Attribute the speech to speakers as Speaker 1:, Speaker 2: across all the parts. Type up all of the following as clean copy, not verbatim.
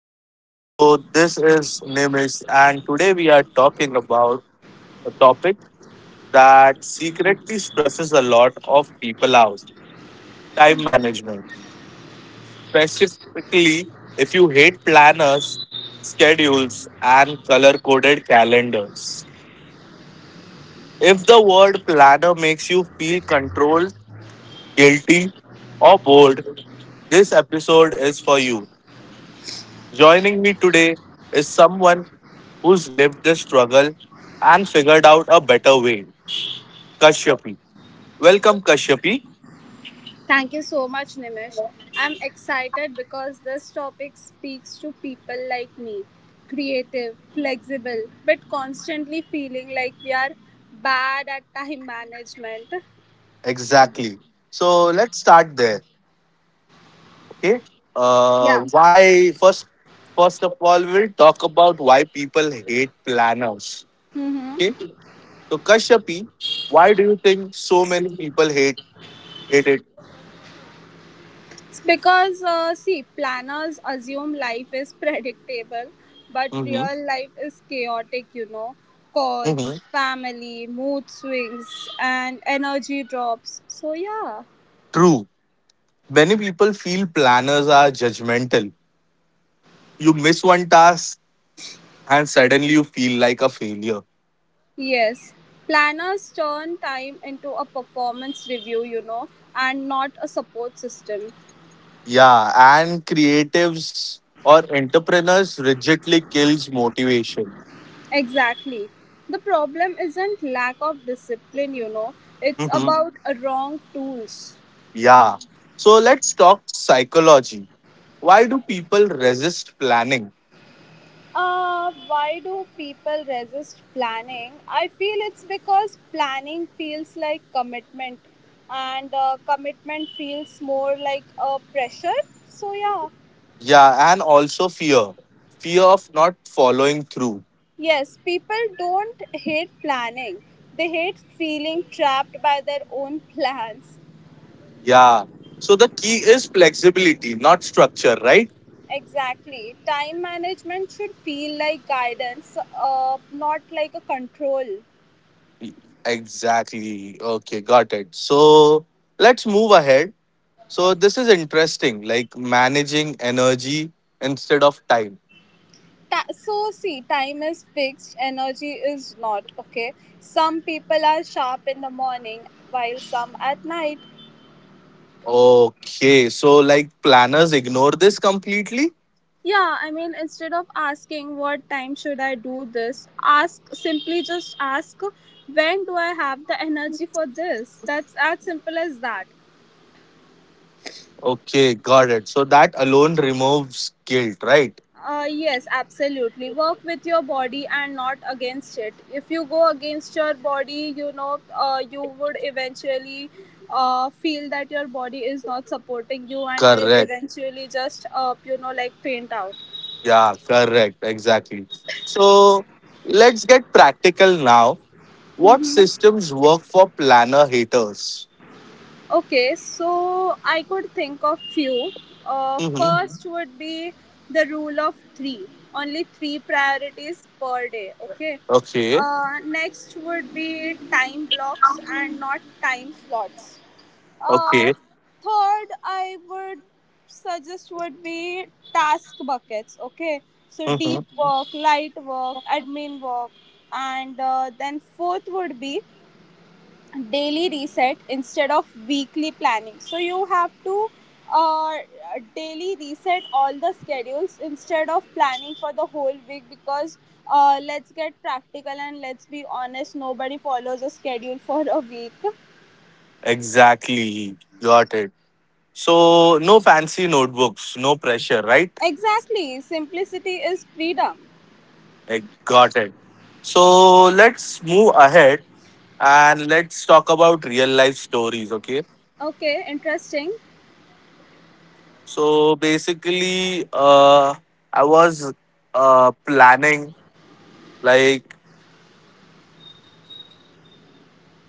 Speaker 1: back to the show. This is Nimesh, and today we are talking about a topic that secretly stresses a lot of people out: time management. Specifically, if you hate planners, schedules, and color coded calendars. If the word planner makes you feel controlled, guilty, or bored, this episode is for you. Joining me today is someone who's lived the struggle and figured out a better way. Kashyapi. Welcome, Kashyapi.
Speaker 2: Thank you so much, Nimish. I'm excited because this topic speaks to people like me, creative, flexible, but constantly feeling like we are bad at time management.
Speaker 1: Exactly. So let's start there. Okay. Uh,
Speaker 2: Yeah.
Speaker 1: why first? First of all, we'll talk about why people hate planners.
Speaker 2: Mm-hmm.
Speaker 1: Okay. So Kashyapi, why do you think so many people hate it?
Speaker 2: It's because, see, planners assume life is predictable, but
Speaker 1: Hmm.
Speaker 2: real life is chaotic, you know.
Speaker 1: Hmm.
Speaker 2: Calls, family, mood swings, and energy drops. So, yeah.
Speaker 1: True. Many people feel planners are judgmental. You miss one task, and suddenly you feel like a failure.
Speaker 2: Yes, planners turn time into a performance review, and not a support system.
Speaker 1: Yeah, and creatives or entrepreneurs rigidly kills motivation.
Speaker 2: Exactly. The problem isn't lack of discipline, it's
Speaker 1: Mhm.
Speaker 2: about a wrong tools.
Speaker 1: Yeah. So let's talk psychology. Why do people resist planning?
Speaker 2: Why do people resist planning? I feel it's because planning feels like commitment, and commitment feels more like a pressure. So, yeah.
Speaker 1: Yeah, and also fear. Fear of not following through.
Speaker 2: Yes, people don't hate planning. They hate feeling trapped by their own plans.
Speaker 1: Yeah. So the key is flexibility, not structure, right?
Speaker 2: Exactly. Time management should feel like guidance, not like a control.
Speaker 1: Exactly. Okay, got it. So let's move ahead. So this is interesting, like managing energy instead of time.
Speaker 2: So see, time is fixed, energy is not, okay? Some people are sharp in the morning while some at night.
Speaker 1: Okay, so like planners ignore this completely.
Speaker 2: Yeah, I mean, instead of asking what time should I do this, ask simply just ask when do I have the energy for this? That's as simple as that.
Speaker 1: Okay, got it. So that alone removes guilt, right?
Speaker 2: Yes, absolutely. Work with your body and not against it. If you go against your body, you would eventually feel that your body is not supporting you, and you will
Speaker 1: Correct.
Speaker 2: eventually just, like faint out.
Speaker 1: Yeah, correct. Exactly. So let's get practical now. What systems work for planner haters?
Speaker 2: Okay, so I could think of few. Mhm.
Speaker 1: Mm-hmm.
Speaker 2: First would be the rule of three, only three priorities per day. Okay.
Speaker 1: Okay.
Speaker 2: Next would be time blocks and not time slots. Uh,
Speaker 1: Okay.
Speaker 2: Third, I would suggest would be task buckets. Okay, so
Speaker 1: Mm-hmm.
Speaker 2: deep work, light work, admin work, and then fourth would be daily reset instead of weekly planning, so you have to uh, daily reset all the schedules instead of planning for the whole week, because let's get practical and let's be honest, nobody follows a schedule for a week.
Speaker 1: Exactly. Got it. So no fancy notebooks, no pressure, right?
Speaker 2: Exactly, simplicity is freedom.
Speaker 1: I got it. So let's move ahead and let's talk about real life stories, okay?
Speaker 2: Okay, interesting.
Speaker 1: So basically, I was planning like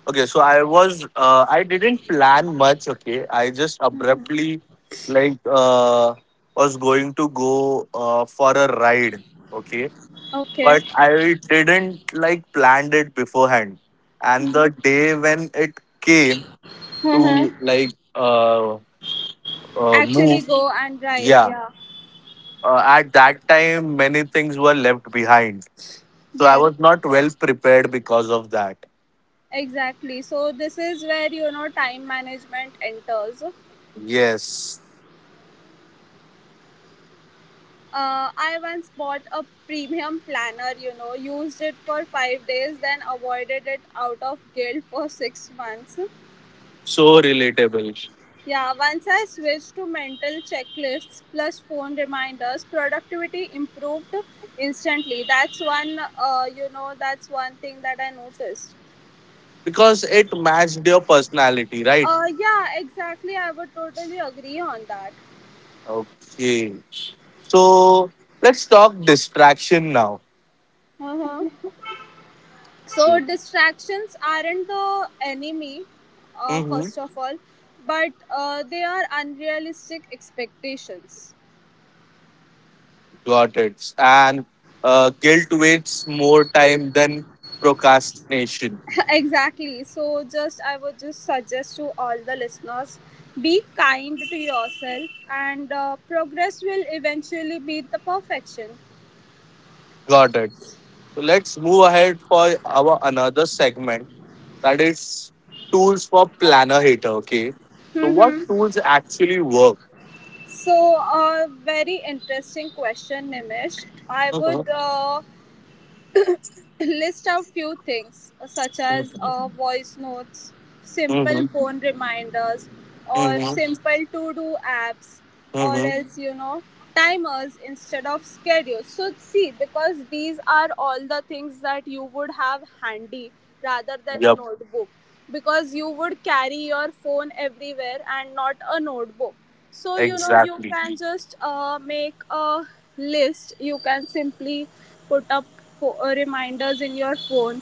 Speaker 1: okay, so I was I didn't plan much, okay? I just abruptly like was going to go for a ride, okay?
Speaker 2: Okay.
Speaker 1: But I didn't like planned it beforehand. And the day when it came to
Speaker 2: Uh-huh.
Speaker 1: like
Speaker 2: Actually
Speaker 1: move,
Speaker 2: go and drive,
Speaker 1: yeah,
Speaker 2: yeah.
Speaker 1: at that time many things were left behind. So I
Speaker 2: Yes,
Speaker 1: was not well prepared because of that.
Speaker 2: exactly, so this is where, you know, time management enters.
Speaker 1: Yes,
Speaker 2: I once bought a premium planner, you know, used it for 5 days, then avoided it out of guilt for 6 months.
Speaker 1: so relatable
Speaker 2: Yeah, once I switched to mental checklists plus phone reminders, productivity improved instantly. That's one, that's one thing that I noticed.
Speaker 1: because it matched your personality, right?
Speaker 2: Yeah, exactly. I would totally agree on that.
Speaker 1: Okay, so let's talk distraction now.
Speaker 2: Uh-huh. So distractions aren't the enemy,
Speaker 1: Mm-hmm.
Speaker 2: first of all, but they are unrealistic expectations.
Speaker 1: Got it. And guilt wastes more time than procrastination.
Speaker 2: Exactly. So just I would just suggest to all the listeners, be kind to yourself, and progress will eventually beat the perfection.
Speaker 1: Got it. So let's move ahead for our another segment, that is tools for planner hater. Okay. So what tools actually work?
Speaker 2: So a very interesting question, Nimish. I would
Speaker 1: Mhm.
Speaker 2: list out few things such as voice notes, simple
Speaker 1: Mhm.
Speaker 2: phone reminders, or
Speaker 1: Mhm.
Speaker 2: simple to do apps, or
Speaker 1: Mhm.
Speaker 2: else, you know, timers instead of schedules. So see, because these are all the things that you would have handy rather than a
Speaker 1: Yep.
Speaker 2: notebook, because you would carry your phone everywhere and not a notebook, so, you know, you
Speaker 1: Exactly.
Speaker 2: can just make a list, you can simply put up reminders in your phone.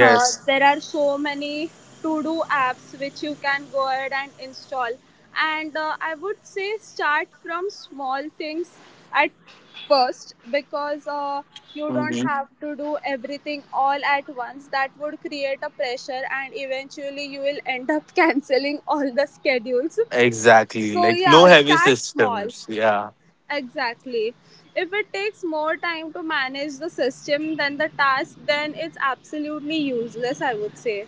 Speaker 2: There are so many to do apps which you can go ahead and install, and I would say start from small things at first, because you don't
Speaker 1: Mhm.
Speaker 2: have to do everything all at once. That would create a pressure and eventually you will end up canceling all the schedules.
Speaker 1: Exactly.
Speaker 2: So
Speaker 1: Like no
Speaker 2: yeah,
Speaker 1: heavy
Speaker 2: start small.
Speaker 1: systems. Yeah.
Speaker 2: Exactly. If it takes more time to manage the system than the task, then it's absolutely useless, I would say.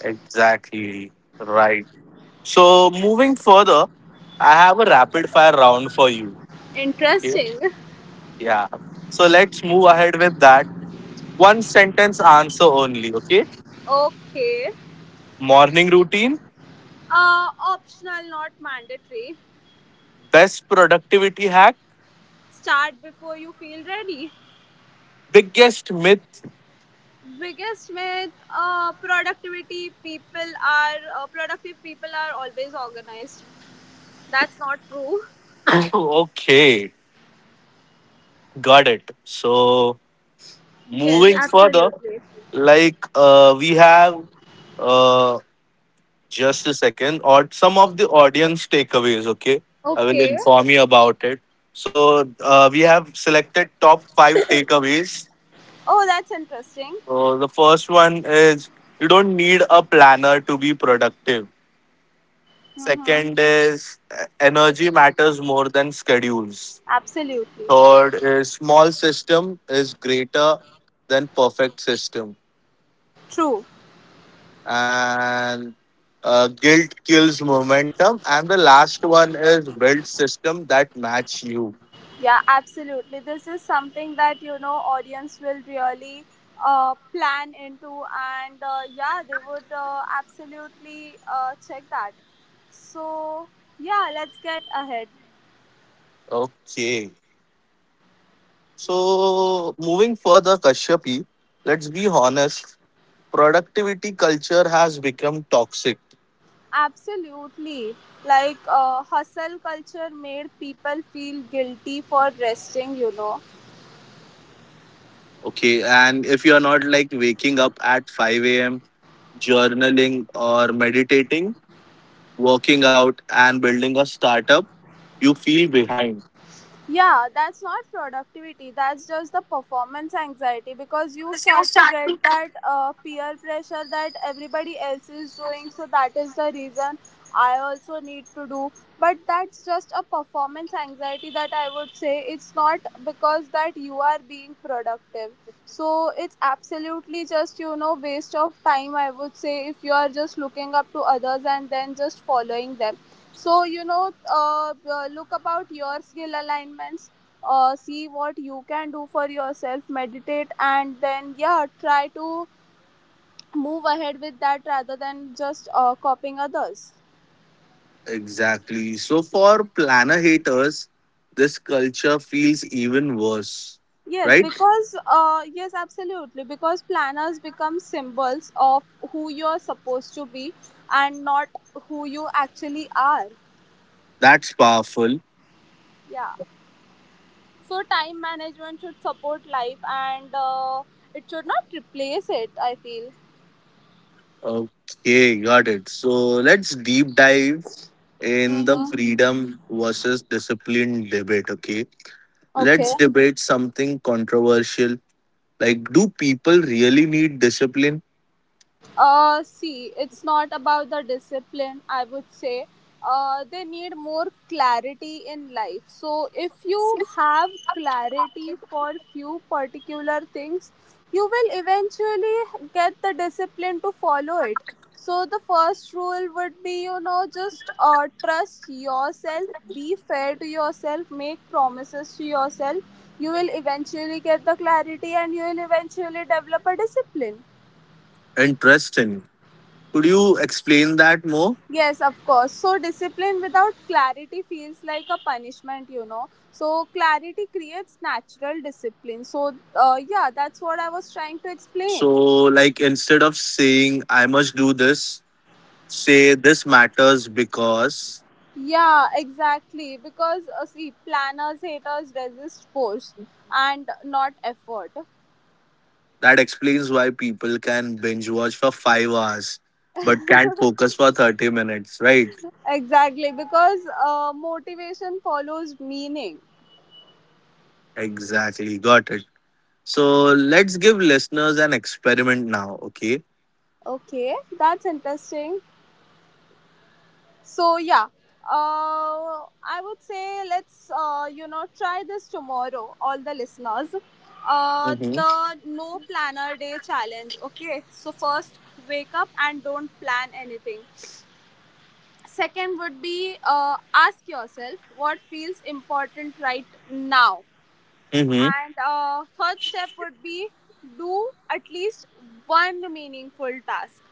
Speaker 1: Exactly. Right. So moving further, I have a rapid fire round for you. Okay.
Speaker 2: Interesting.
Speaker 1: Yeah. So let's move ahead with that. One sentence answer only. Okay.
Speaker 2: Okay.
Speaker 1: Morning routine,
Speaker 2: Optional, not mandatory.
Speaker 1: best productivity hack,
Speaker 2: Start before you feel ready.
Speaker 1: biggest myth.
Speaker 2: Biggest myth: productivity people are productive people are always organized. That's not true.
Speaker 1: Okay. Got it. So
Speaker 2: Yes,
Speaker 1: moving further,
Speaker 2: absolutely.
Speaker 1: like we have uh, just a second, or some of the audience takeaways. Okay, I will
Speaker 2: Okay.
Speaker 1: inform you about it. So we have selected top five takeaways.
Speaker 2: Oh, that's interesting.
Speaker 1: So the first one is you don't need a planner to be productive. Second
Speaker 2: Mm-hmm.
Speaker 1: is energy matters more than schedules.
Speaker 2: Absolutely.
Speaker 1: Third is small system is greater than perfect system.
Speaker 2: True.
Speaker 1: And guilt kills momentum, and the last one is build system that match you.
Speaker 2: Yeah, absolutely. This is something that, you know, audience will really plan into, and yeah, they would absolutely check that. So yeah, let's get ahead.
Speaker 1: Okay, so moving further, Kashyapi, let's be honest, productivity culture has become toxic.
Speaker 2: Absolutely, like hustle culture made people feel guilty for resting, you know.
Speaker 1: Okay, and if you are not like waking up at 5 a.m., journaling or meditating, working out and building a startup, you feel behind.
Speaker 2: Yeah, that's not productivity. That's just the performance anxiety, because you start to get that peer pressure that everybody else is doing. So that is the reason I also need to do. But that's just a performance anxiety, that I would say. It's not because that you are being productive. So it's absolutely just, you know, waste of time, I would say, if you are just looking up to others and then just following them. So, look about your skill alignments. See what you can do for yourself. Meditate and then yeah, try to move ahead with that rather than just copying others.
Speaker 1: Exactly. So for planner haters, this culture feels even worse,
Speaker 2: Yes,
Speaker 1: right?
Speaker 2: because uh, yes, absolutely. Because planners become symbols of who you're supposed to be and not who you actually are.
Speaker 1: That's powerful.
Speaker 2: Yeah. So time management should support life, and it should not replace it, I feel.
Speaker 1: Okay, got it. So let's deep dive in the freedom versus discipline debate, okay?
Speaker 2: Okay.
Speaker 1: Let's debate something controversial, like do people really need discipline
Speaker 2: See, it's not about the discipline, I would say. They need more clarity in life. So, if you have clarity for few particular things, you will eventually get the discipline to follow it. So, the first rule would be, you know, just trust yourself, be fair to yourself, make promises to yourself. You will eventually get the clarity and you will eventually develop a discipline.
Speaker 1: and trust in? Could you explain that more?
Speaker 2: Yes, of course. So, discipline without clarity feels like a punishment, you know. So, clarity creates natural discipline. So, yeah, that's what I was trying to explain.
Speaker 1: So like instead of saying I must do this, say this matters because
Speaker 2: Yeah, exactly. Because, see, planners, haters resist force and not effort.
Speaker 1: that explains why people can binge watch for 5 hours but can't focus for 30 minutes, right?
Speaker 2: Exactly. Because motivation follows meaning.
Speaker 1: Exactly, got it. So let's give listeners an experiment now, okay?
Speaker 2: Okay, that's interesting. So yeah, I would say, let's, you know, try this tomorrow, all the listeners.
Speaker 1: Mm-hmm.
Speaker 2: The no planner day challenge. Okay, so first, wake up and don't plan anything. Second would be, ask yourself what feels important right now.
Speaker 1: Mm-hmm.
Speaker 2: And third step would be do at least one meaningful task,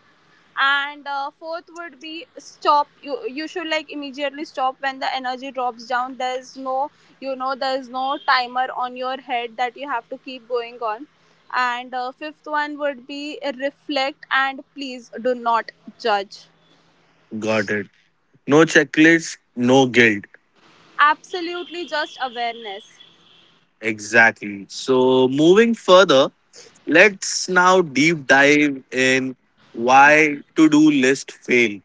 Speaker 2: and fourth would be stop. You should immediately stop when the energy drops down. There's there's no timer on your head that you have to keep going on. And fifth one would be reflect, and please do not judge.
Speaker 1: Got it. No checklist, no guilt.
Speaker 2: Absolutely, just awareness.
Speaker 1: Exactly. So moving further, let's now deep dive in why to do list fail.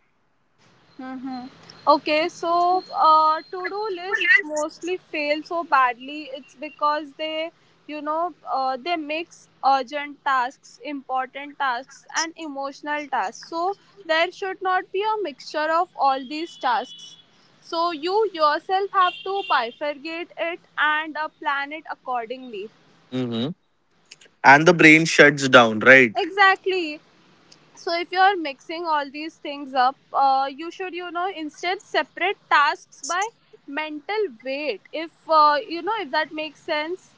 Speaker 2: Okay, so to-do lists mostly fail so badly. It's because they mix urgent tasks, important tasks, and emotional tasks. So there should not be a mixture of all these tasks. So you yourself have to bifurcate it and plan it accordingly.
Speaker 1: Mm-hmm. And the brain shuts down, right?
Speaker 2: Exactly. So if you're mixing all these things up, you should, you know, instead separate tasks by mental weight. If, if that makes sense.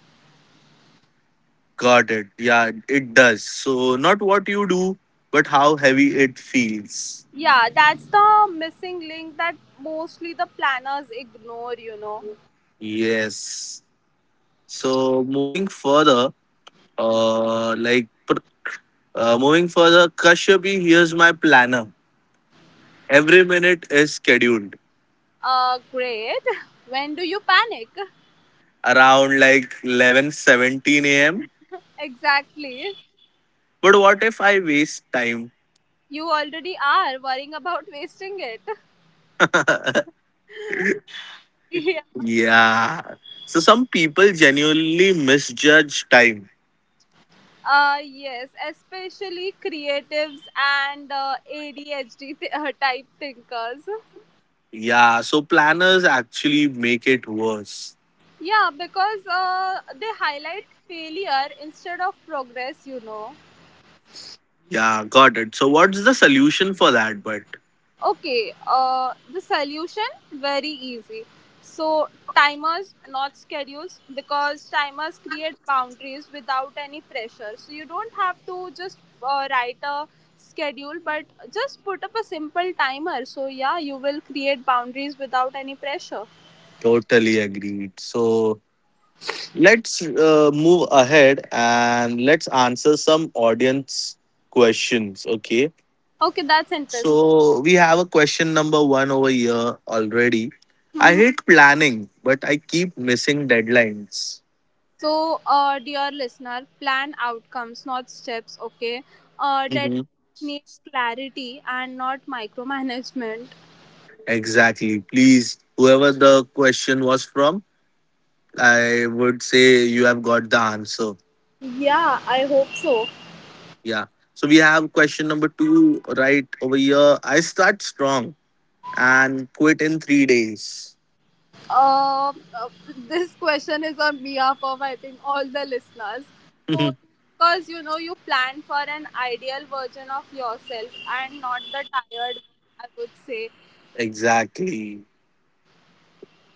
Speaker 1: Got it. Yeah, it does. So, not what you do, but how heavy it feels.
Speaker 2: Yeah, that's the missing link that mostly the planners ignore, you know.
Speaker 1: Yes. So, moving further, uh, like, pr- moving further, Kashyapi, here's my planner. Every minute is scheduled
Speaker 2: Great. When do you panic?
Speaker 1: around like 11:17 a.m.
Speaker 2: Exactly.
Speaker 1: But what if I waste time?
Speaker 2: You already are worrying about wasting it. Yeah.
Speaker 1: Yeah. So, some people genuinely misjudge time.
Speaker 2: Yes, especially creatives and ADHD type thinkers.
Speaker 1: Yeah. So, planners actually make it worse.
Speaker 2: Yeah, because they highlight failure instead of progress, you know.
Speaker 1: Yeah, got it. So, what's the solution for that? But
Speaker 2: Okay, the solution very easy. So, timers, not schedules, because timers create boundaries without any pressure. So, you don't have to just write a schedule, but just put up a simple timer. So, yeah, you will create boundaries without any pressure.
Speaker 1: totally agreed. So, let's move ahead and let's answer some audience questions. Okay.
Speaker 2: Okay, that's interesting.
Speaker 1: So, we have a question number one over here already. I
Speaker 2: Mm-hmm.
Speaker 1: hate planning, but I keep missing deadlines.
Speaker 2: So, dear listener, plan outcomes, not steps, okay? Deadlines
Speaker 1: Mhm.
Speaker 2: need clarity and not micromanagement.
Speaker 1: Exactly. Please, whoever the question was from, I would say you have got the answer.
Speaker 2: Yeah, I hope so.
Speaker 1: Yeah. So we have question number two right over here. I start strong and quit in 3 days.
Speaker 2: Uh, uh, this question is on behalf of, I think, all the listeners. So, because, you know, you plan for an ideal version of yourself and not the tired one, I would say.
Speaker 1: Exactly.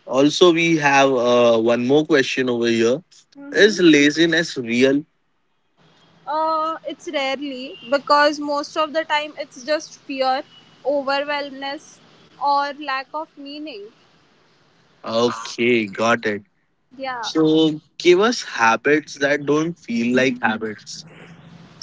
Speaker 1: Also, we have one more question over here. Is laziness real?
Speaker 2: It's rarely, because most of the time it's just fear, overwhelmness, or lack of meaning.
Speaker 1: Okay, got it.
Speaker 2: Yeah.
Speaker 1: So give us habits that don't feel like habits.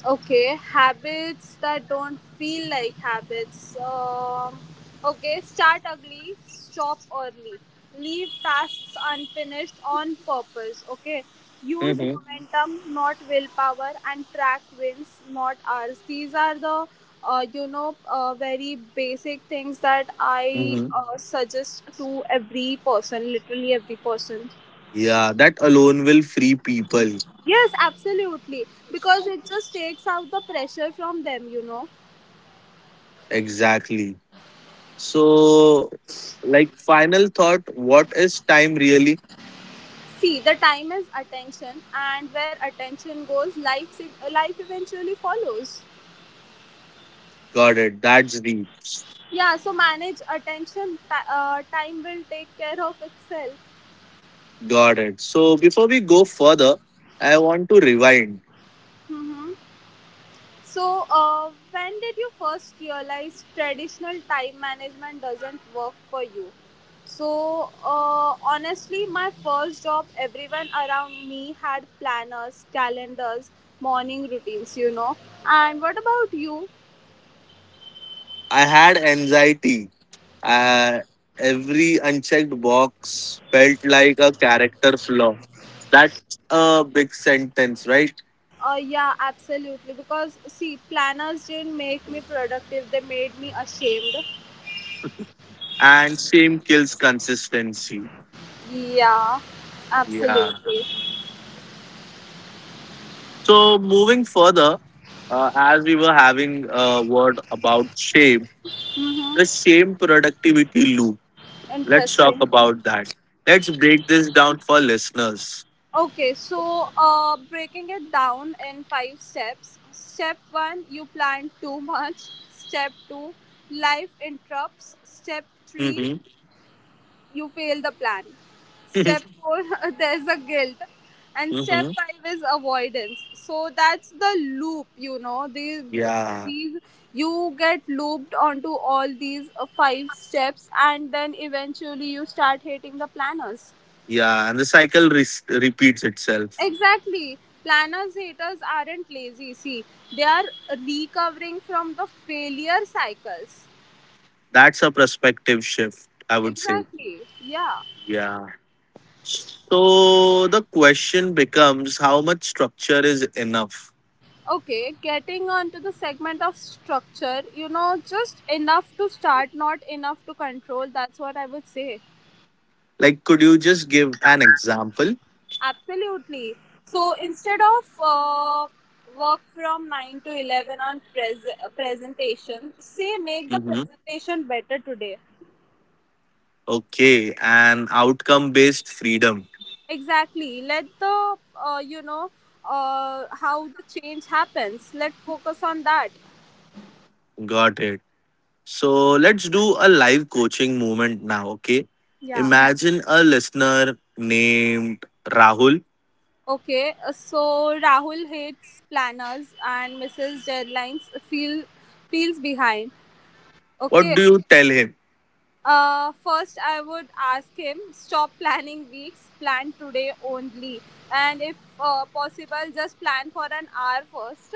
Speaker 2: Okay, habits that don't feel like habits. Okay, start early, stop early, leave tasks unfinished on purpose. Okay, use
Speaker 1: Hmm.
Speaker 2: momentum, not willpower, and track wins, not hours. These are the very basic things that I
Speaker 1: Hmm.
Speaker 2: suggest to every person, literally every person.
Speaker 1: Yeah, that alone will free people.
Speaker 2: Yes, absolutely, because it just takes out the pressure from them, you know.
Speaker 1: Exactly. So, like, final thought, what is time really?
Speaker 2: See, the time is attention, and where attention goes, life eventually follows.
Speaker 1: Got it. That's deep.
Speaker 2: Yeah, so manage attention. Time will take care of itself.
Speaker 1: Got it. So before we go further, I want to rewind.
Speaker 2: Hmm. So, when did you first realize traditional time management doesn't work for you? So, uh, honestly, my first job, everyone around me had planners, calendars, morning routines, you know. And what about you?
Speaker 1: I had anxiety. Uh, every unchecked box felt like a character flaw. That's a big sentence, right?
Speaker 2: Yeah, absolutely. Because see, planners didn't make me productive; they made me ashamed.
Speaker 1: And shame kills consistency.
Speaker 2: Yeah,
Speaker 1: Yeah.
Speaker 2: absolutely.
Speaker 1: So moving further, as we were having a word about shame, the
Speaker 2: Mm-hmm.
Speaker 1: shame productivity loop. Let's talk
Speaker 2: Interesting.
Speaker 1: about that. Let's break this down for listeners.
Speaker 2: Okay, so breaking it down in five steps. Step one, you plan too much. Step two, life interrupts. Step three,
Speaker 1: Hmm.
Speaker 2: you fail the plan. Step four, there's a guilt. And step
Speaker 1: Hmm.
Speaker 2: five is avoidance. So that's the loop, you know. These,
Speaker 1: Yeah.
Speaker 2: these you get looped onto all these five steps, and then eventually you start hating the planners.
Speaker 1: Yeah. And the repeats itself.
Speaker 2: Exactly. Planners haters aren't lazy. See, they are recovering from the failure cycles.
Speaker 1: That's a perspective shift, I would say.
Speaker 2: Exactly. Yeah.
Speaker 1: Yeah. So the question becomes how much structure is enough?
Speaker 2: Okay, getting onto the segment of structure, you know, just enough to start, not enough to control. That's what I would say.
Speaker 1: Like, could you just give an example?
Speaker 2: Absolutely. So instead of work from 9 to 11 on presentation, say make the
Speaker 1: Mm-hmm.
Speaker 2: presentation better today.
Speaker 1: Okay. And outcome based freedom.
Speaker 2: Exactly. Let the, uh, you know, how the change happens. Let focus on that.
Speaker 1: Got it. So let's do a live coaching moment now, okay?
Speaker 2: Yeah.
Speaker 1: Imagine a listener named Rahul.
Speaker 2: Okay, so Rahul hates planners and misses deadlines. Feel Feels behind.
Speaker 1: What
Speaker 2: Okay,
Speaker 1: do you tell him?
Speaker 2: first I would ask him stop planning weeks. Plan today only, and if possible, just plan for an hour first.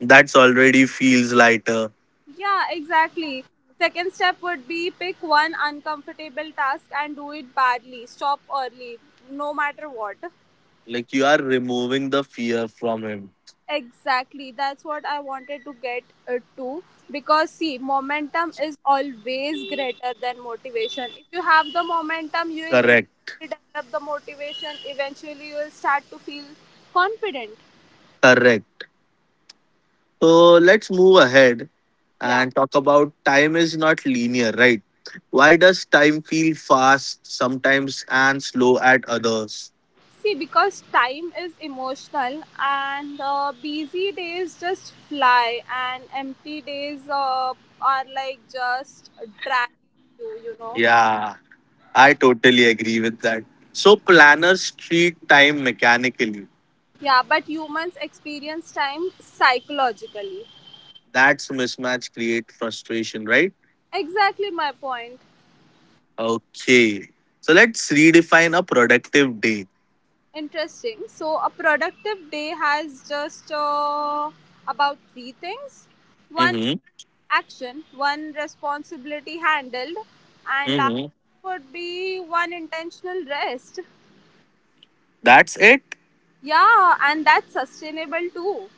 Speaker 1: That's already feels lighter.
Speaker 2: Yeah, exactly. Second step would be pick one uncomfortable task and do it badly. Stop early, no matter what.
Speaker 1: Like you are removing the fear from him.
Speaker 2: Exactly, that's what I wanted to get to, because see, momentum is always greater than motivation. If you have the momentum, you will
Speaker 1: Correct.
Speaker 2: eventually develop the motivation, eventually, you will start to feel confident.
Speaker 1: Correct. So let's move ahead
Speaker 2: Yeah,
Speaker 1: and talk about time is not linear, right? Why does time feel fast sometimes and slow at others?
Speaker 2: see, because time is emotional, and busy days just fly, and empty days are like just dragging you, you know.
Speaker 1: Yeah, I totally agree with that. So planners treat time mechanically.
Speaker 2: Yeah, but humans experience time psychologically.
Speaker 1: That's mismatch create frustration, right?
Speaker 2: Exactly my point.
Speaker 1: Okay. So let's redefine a productive day.
Speaker 2: Interesting. So, a productive day has just about three things: one
Speaker 1: Mm-hmm.
Speaker 2: action, one responsibility handled, and last
Speaker 1: Mm-hmm.
Speaker 2: would be one intentional rest.
Speaker 1: That's it?
Speaker 2: Yeah, and that's sustainable too.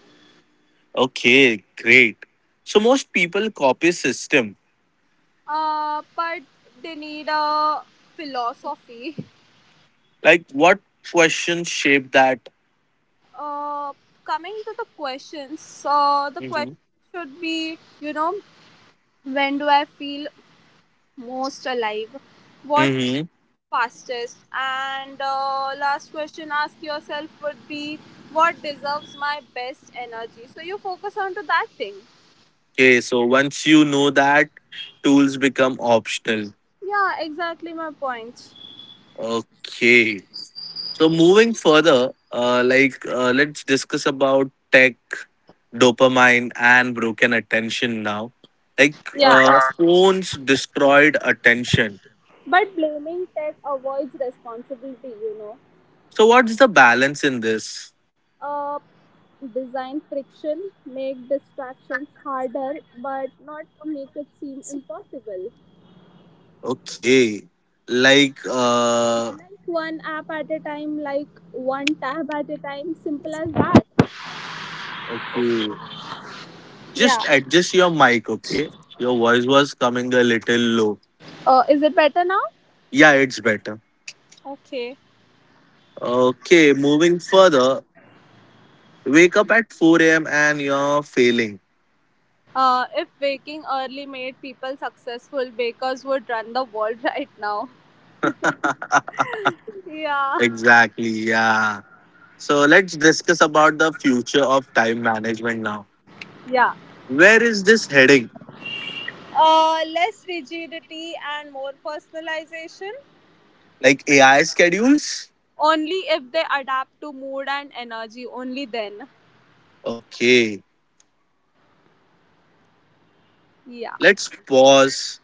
Speaker 1: Okay, great. So most people copy system.
Speaker 2: But they need a philosophy.
Speaker 1: Like what questions shape that?
Speaker 2: Uh, Coming to the questions, the question
Speaker 1: Mm-hmm.
Speaker 2: should be, you know, when do I feel most alive, what
Speaker 1: Mm-hmm.
Speaker 2: fastest, and last question ask yourself would be what deserves my best energy, so you focus on to that thing.
Speaker 1: Okay, so once you know that, tools become optional.
Speaker 2: Yeah, exactly my point.
Speaker 1: Okay. So moving further, let's discuss about tech, dopamine, and broken attention now. Like
Speaker 2: Yeah,
Speaker 1: phones destroyed attention.
Speaker 2: but blaming tech avoids responsibility, you know.
Speaker 1: So what's the balance in this?
Speaker 2: uh, Design friction make distractions harder, but not make it seem impossible.
Speaker 1: Okay, like
Speaker 2: Like one app at a time, like one tab at a time, simple as that.
Speaker 1: okay,
Speaker 2: Yeah.
Speaker 1: just adjust your mic. Okay, your voice was coming a little low.
Speaker 2: Is it better now?
Speaker 1: Yeah, it's better.
Speaker 2: Okay.
Speaker 1: Okay, moving further. Wake up at 4 a.m. and you're failing.
Speaker 2: If waking early made people successful, bakers would run the world right now. Yeah.
Speaker 1: Exactly, yeah. So let's discuss about the future of time management now.
Speaker 2: Yeah.
Speaker 1: Where is this heading?
Speaker 2: Less rigidity and more personalization.
Speaker 1: Like AI schedules?
Speaker 2: Only if they adapt to mood and energy, only then.
Speaker 1: Okay,
Speaker 2: Yeah.
Speaker 1: let's pause.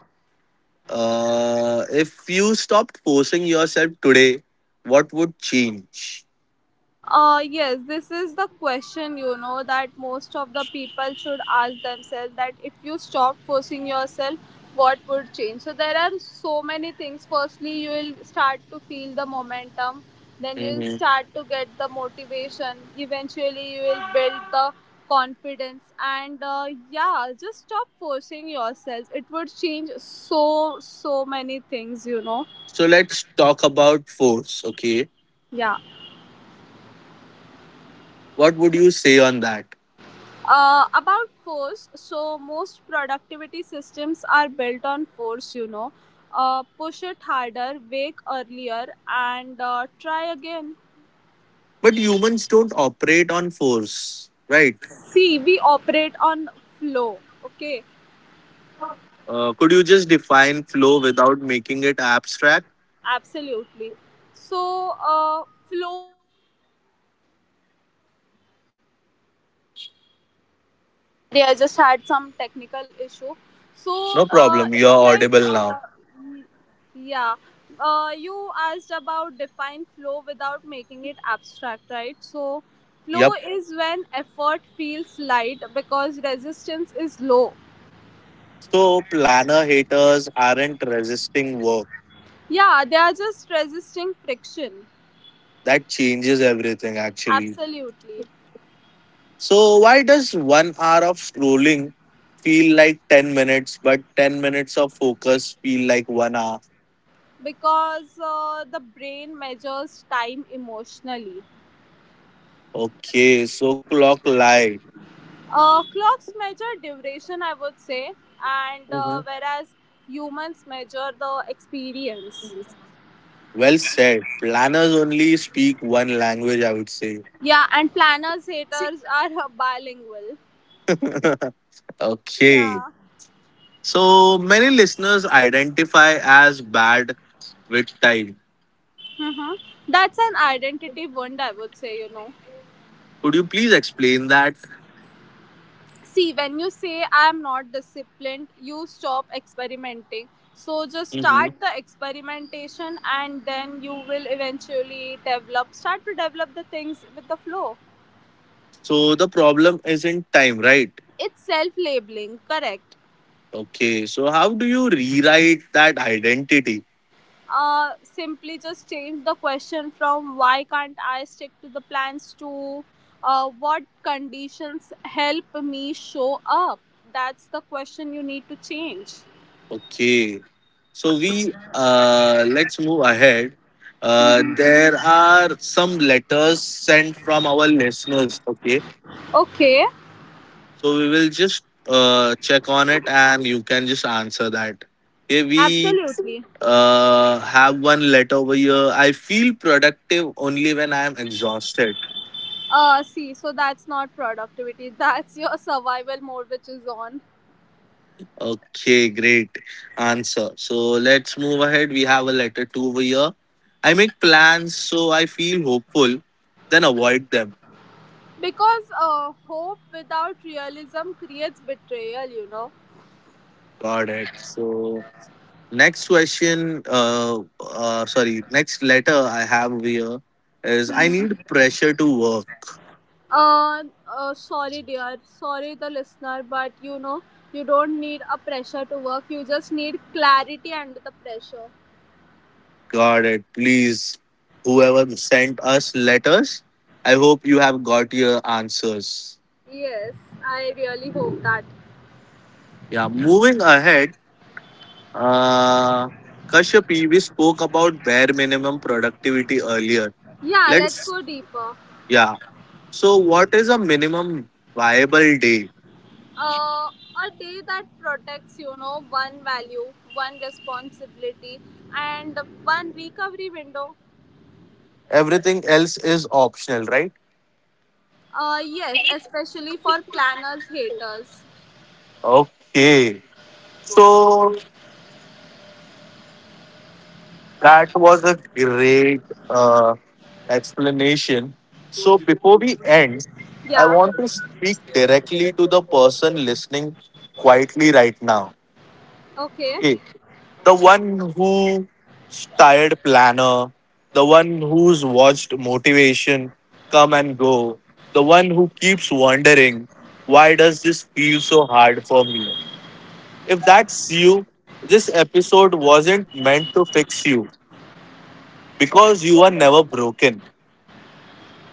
Speaker 1: If you stopped forcing yourself today, what would change?
Speaker 2: Yes, this is the question, you know, that most of the people should ask themselves, that if you stop forcing yourself, what would change? So, there are so many things. Firstly, you will start to feel the momentum, then you will
Speaker 1: Mhm.
Speaker 2: start to get the motivation, eventually, you will build the confidence, and yeah, just stop forcing yourself. It would change so, so many things, you know.
Speaker 1: So let's talk about force, okay?
Speaker 2: Yeah.
Speaker 1: What would you say on that?
Speaker 2: About force, so most productivity systems are built on force, you know. Push it harder, wake earlier, and try again.
Speaker 1: But humans don't operate on force, right?
Speaker 2: See, we operate on flow, okay?
Speaker 1: Could you just define flow without making it abstract?
Speaker 2: Absolutely. So,
Speaker 3: I just had some technical issue. So
Speaker 1: No
Speaker 3: uh,
Speaker 1: problem, you're
Speaker 3: it's like,
Speaker 1: audible now.
Speaker 3: uh, yeah, you asked about define flow without making it abstract, right? So flow
Speaker 1: Yep.
Speaker 3: is when effort feels light because resistance is low.
Speaker 1: So planner haters aren't resisting work.
Speaker 3: Yeah, they are just resisting friction.
Speaker 1: That changes everything actually.
Speaker 3: Absolutely.
Speaker 1: So why does 1 hour of scrolling feel like 10 minutes, but 10 minutes of focus feel like 1 hour?
Speaker 3: Because the brain measures time emotionally.
Speaker 1: Okay, so clock lie.
Speaker 3: Clocks measure duration, I would say, and
Speaker 1: Mhm.
Speaker 3: uh, whereas humans measure the experience.
Speaker 1: Well said. Planners only speak one language, I would say.
Speaker 3: Yeah, and planners haters are bilingual.
Speaker 1: Okay.
Speaker 3: Yeah.
Speaker 1: So many listeners identify as bad with time.
Speaker 3: Mm-hmm. That's an identity wound, I would say, you know.
Speaker 1: Could you please explain that?
Speaker 3: See, when you say I'm not disciplined, you stop experimenting. So just start the experimentation and then you will eventually start to develop the things with the flow.
Speaker 1: So the problem isn't time, right?
Speaker 3: It's self labeling, correct?
Speaker 1: Okay. So how do you rewrite that identity?
Speaker 3: Simply just change the question from why can't I stick to the plans to what conditions help me show up? That's the question you need to change.
Speaker 1: Okay. So we let's move ahead. There are some letters sent from our listeners. Okay.
Speaker 3: Okay,
Speaker 1: So we will just check on it, and you can just answer that. Okay, we
Speaker 3: absolutely.
Speaker 1: have one letter over here. I feel productive only when I am exhausted.
Speaker 3: See, so that's not productivity, that's your survival mode which is on.
Speaker 1: Okay, great answer. So let's move ahead. We have a letter two over here. I make plans so I feel hopeful, then avoid them.
Speaker 3: Because hope without realism creates betrayal.
Speaker 1: Got it. So next question, sorry, next letter I have over here is I need pressure to work.
Speaker 3: Uh, Sorry, dear. Sorry, the listener, but you don't need a pressure to work. You just need clarity under the pressure.
Speaker 1: Got it. Please, whoever sent us letters, I hope you have got your answers.
Speaker 3: Yes, I really hope that.
Speaker 1: Yeah, moving ahead. Uh, Kashyap, we spoke about bare minimum productivity earlier.
Speaker 3: Yeah, let's
Speaker 1: Let's,
Speaker 3: go deeper.
Speaker 1: yeah. So, what is a minimum viable day?
Speaker 3: Uh, a day that protects, one value, one responsibility, and one recovery window.
Speaker 1: Everything else is optional, right?
Speaker 3: Yes, especially for planners, haters.
Speaker 1: Okay. So, that was a great uh, explanation. So, before we end, I
Speaker 3: Yeah,
Speaker 1: want to speak directly to the person listening quietly right now.
Speaker 3: okay.
Speaker 1: Okay. The one who's tired planner, the one who's watched motivation come and go, the one who keeps wondering, why does this feel so hard for me? If that's you, this episode wasn't meant to fix you because you are never broken.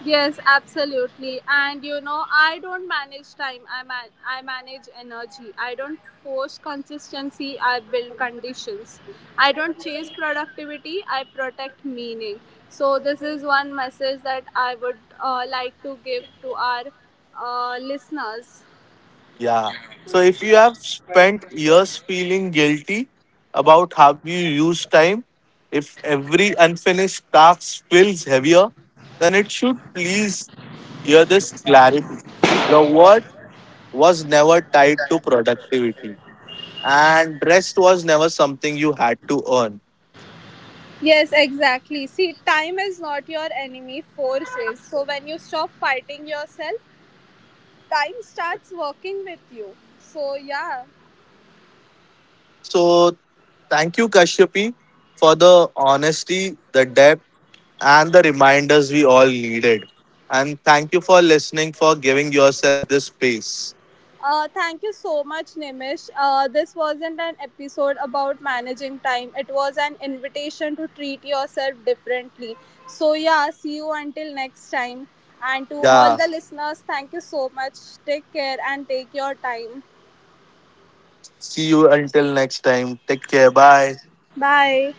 Speaker 3: Yes, absolutely. And I don't manage time. I manage energy. I don't force consistency. I build conditions. I don't chase productivity. I protect meaning. So this is one message that I would like to give to our listeners.
Speaker 1: Yeah. So if you have spent years feeling guilty about how you use time, if every unfinished task feels heavier, then it should please hear this clarity. Your worth was never tied to productivity, and rest was never something you had to earn.
Speaker 3: Yes, exactly. See, time is not your enemy, force is. So when you stop fighting yourself, time starts working with you. So yeah,
Speaker 1: So, thank you, Kashyapi, for the honesty, the depth, and the reminders we all needed. And thank you for listening, for giving yourself this space.
Speaker 3: Thank you so much, Nimish. This wasn't an episode about managing time, it was an invitation to treat yourself differently. So, yeah, see you until next time. And to all
Speaker 1: Yeah.
Speaker 3: the listeners, thank you so much. Take care and take your time.
Speaker 1: See you until next time. Take care. Bye.
Speaker 3: Bye.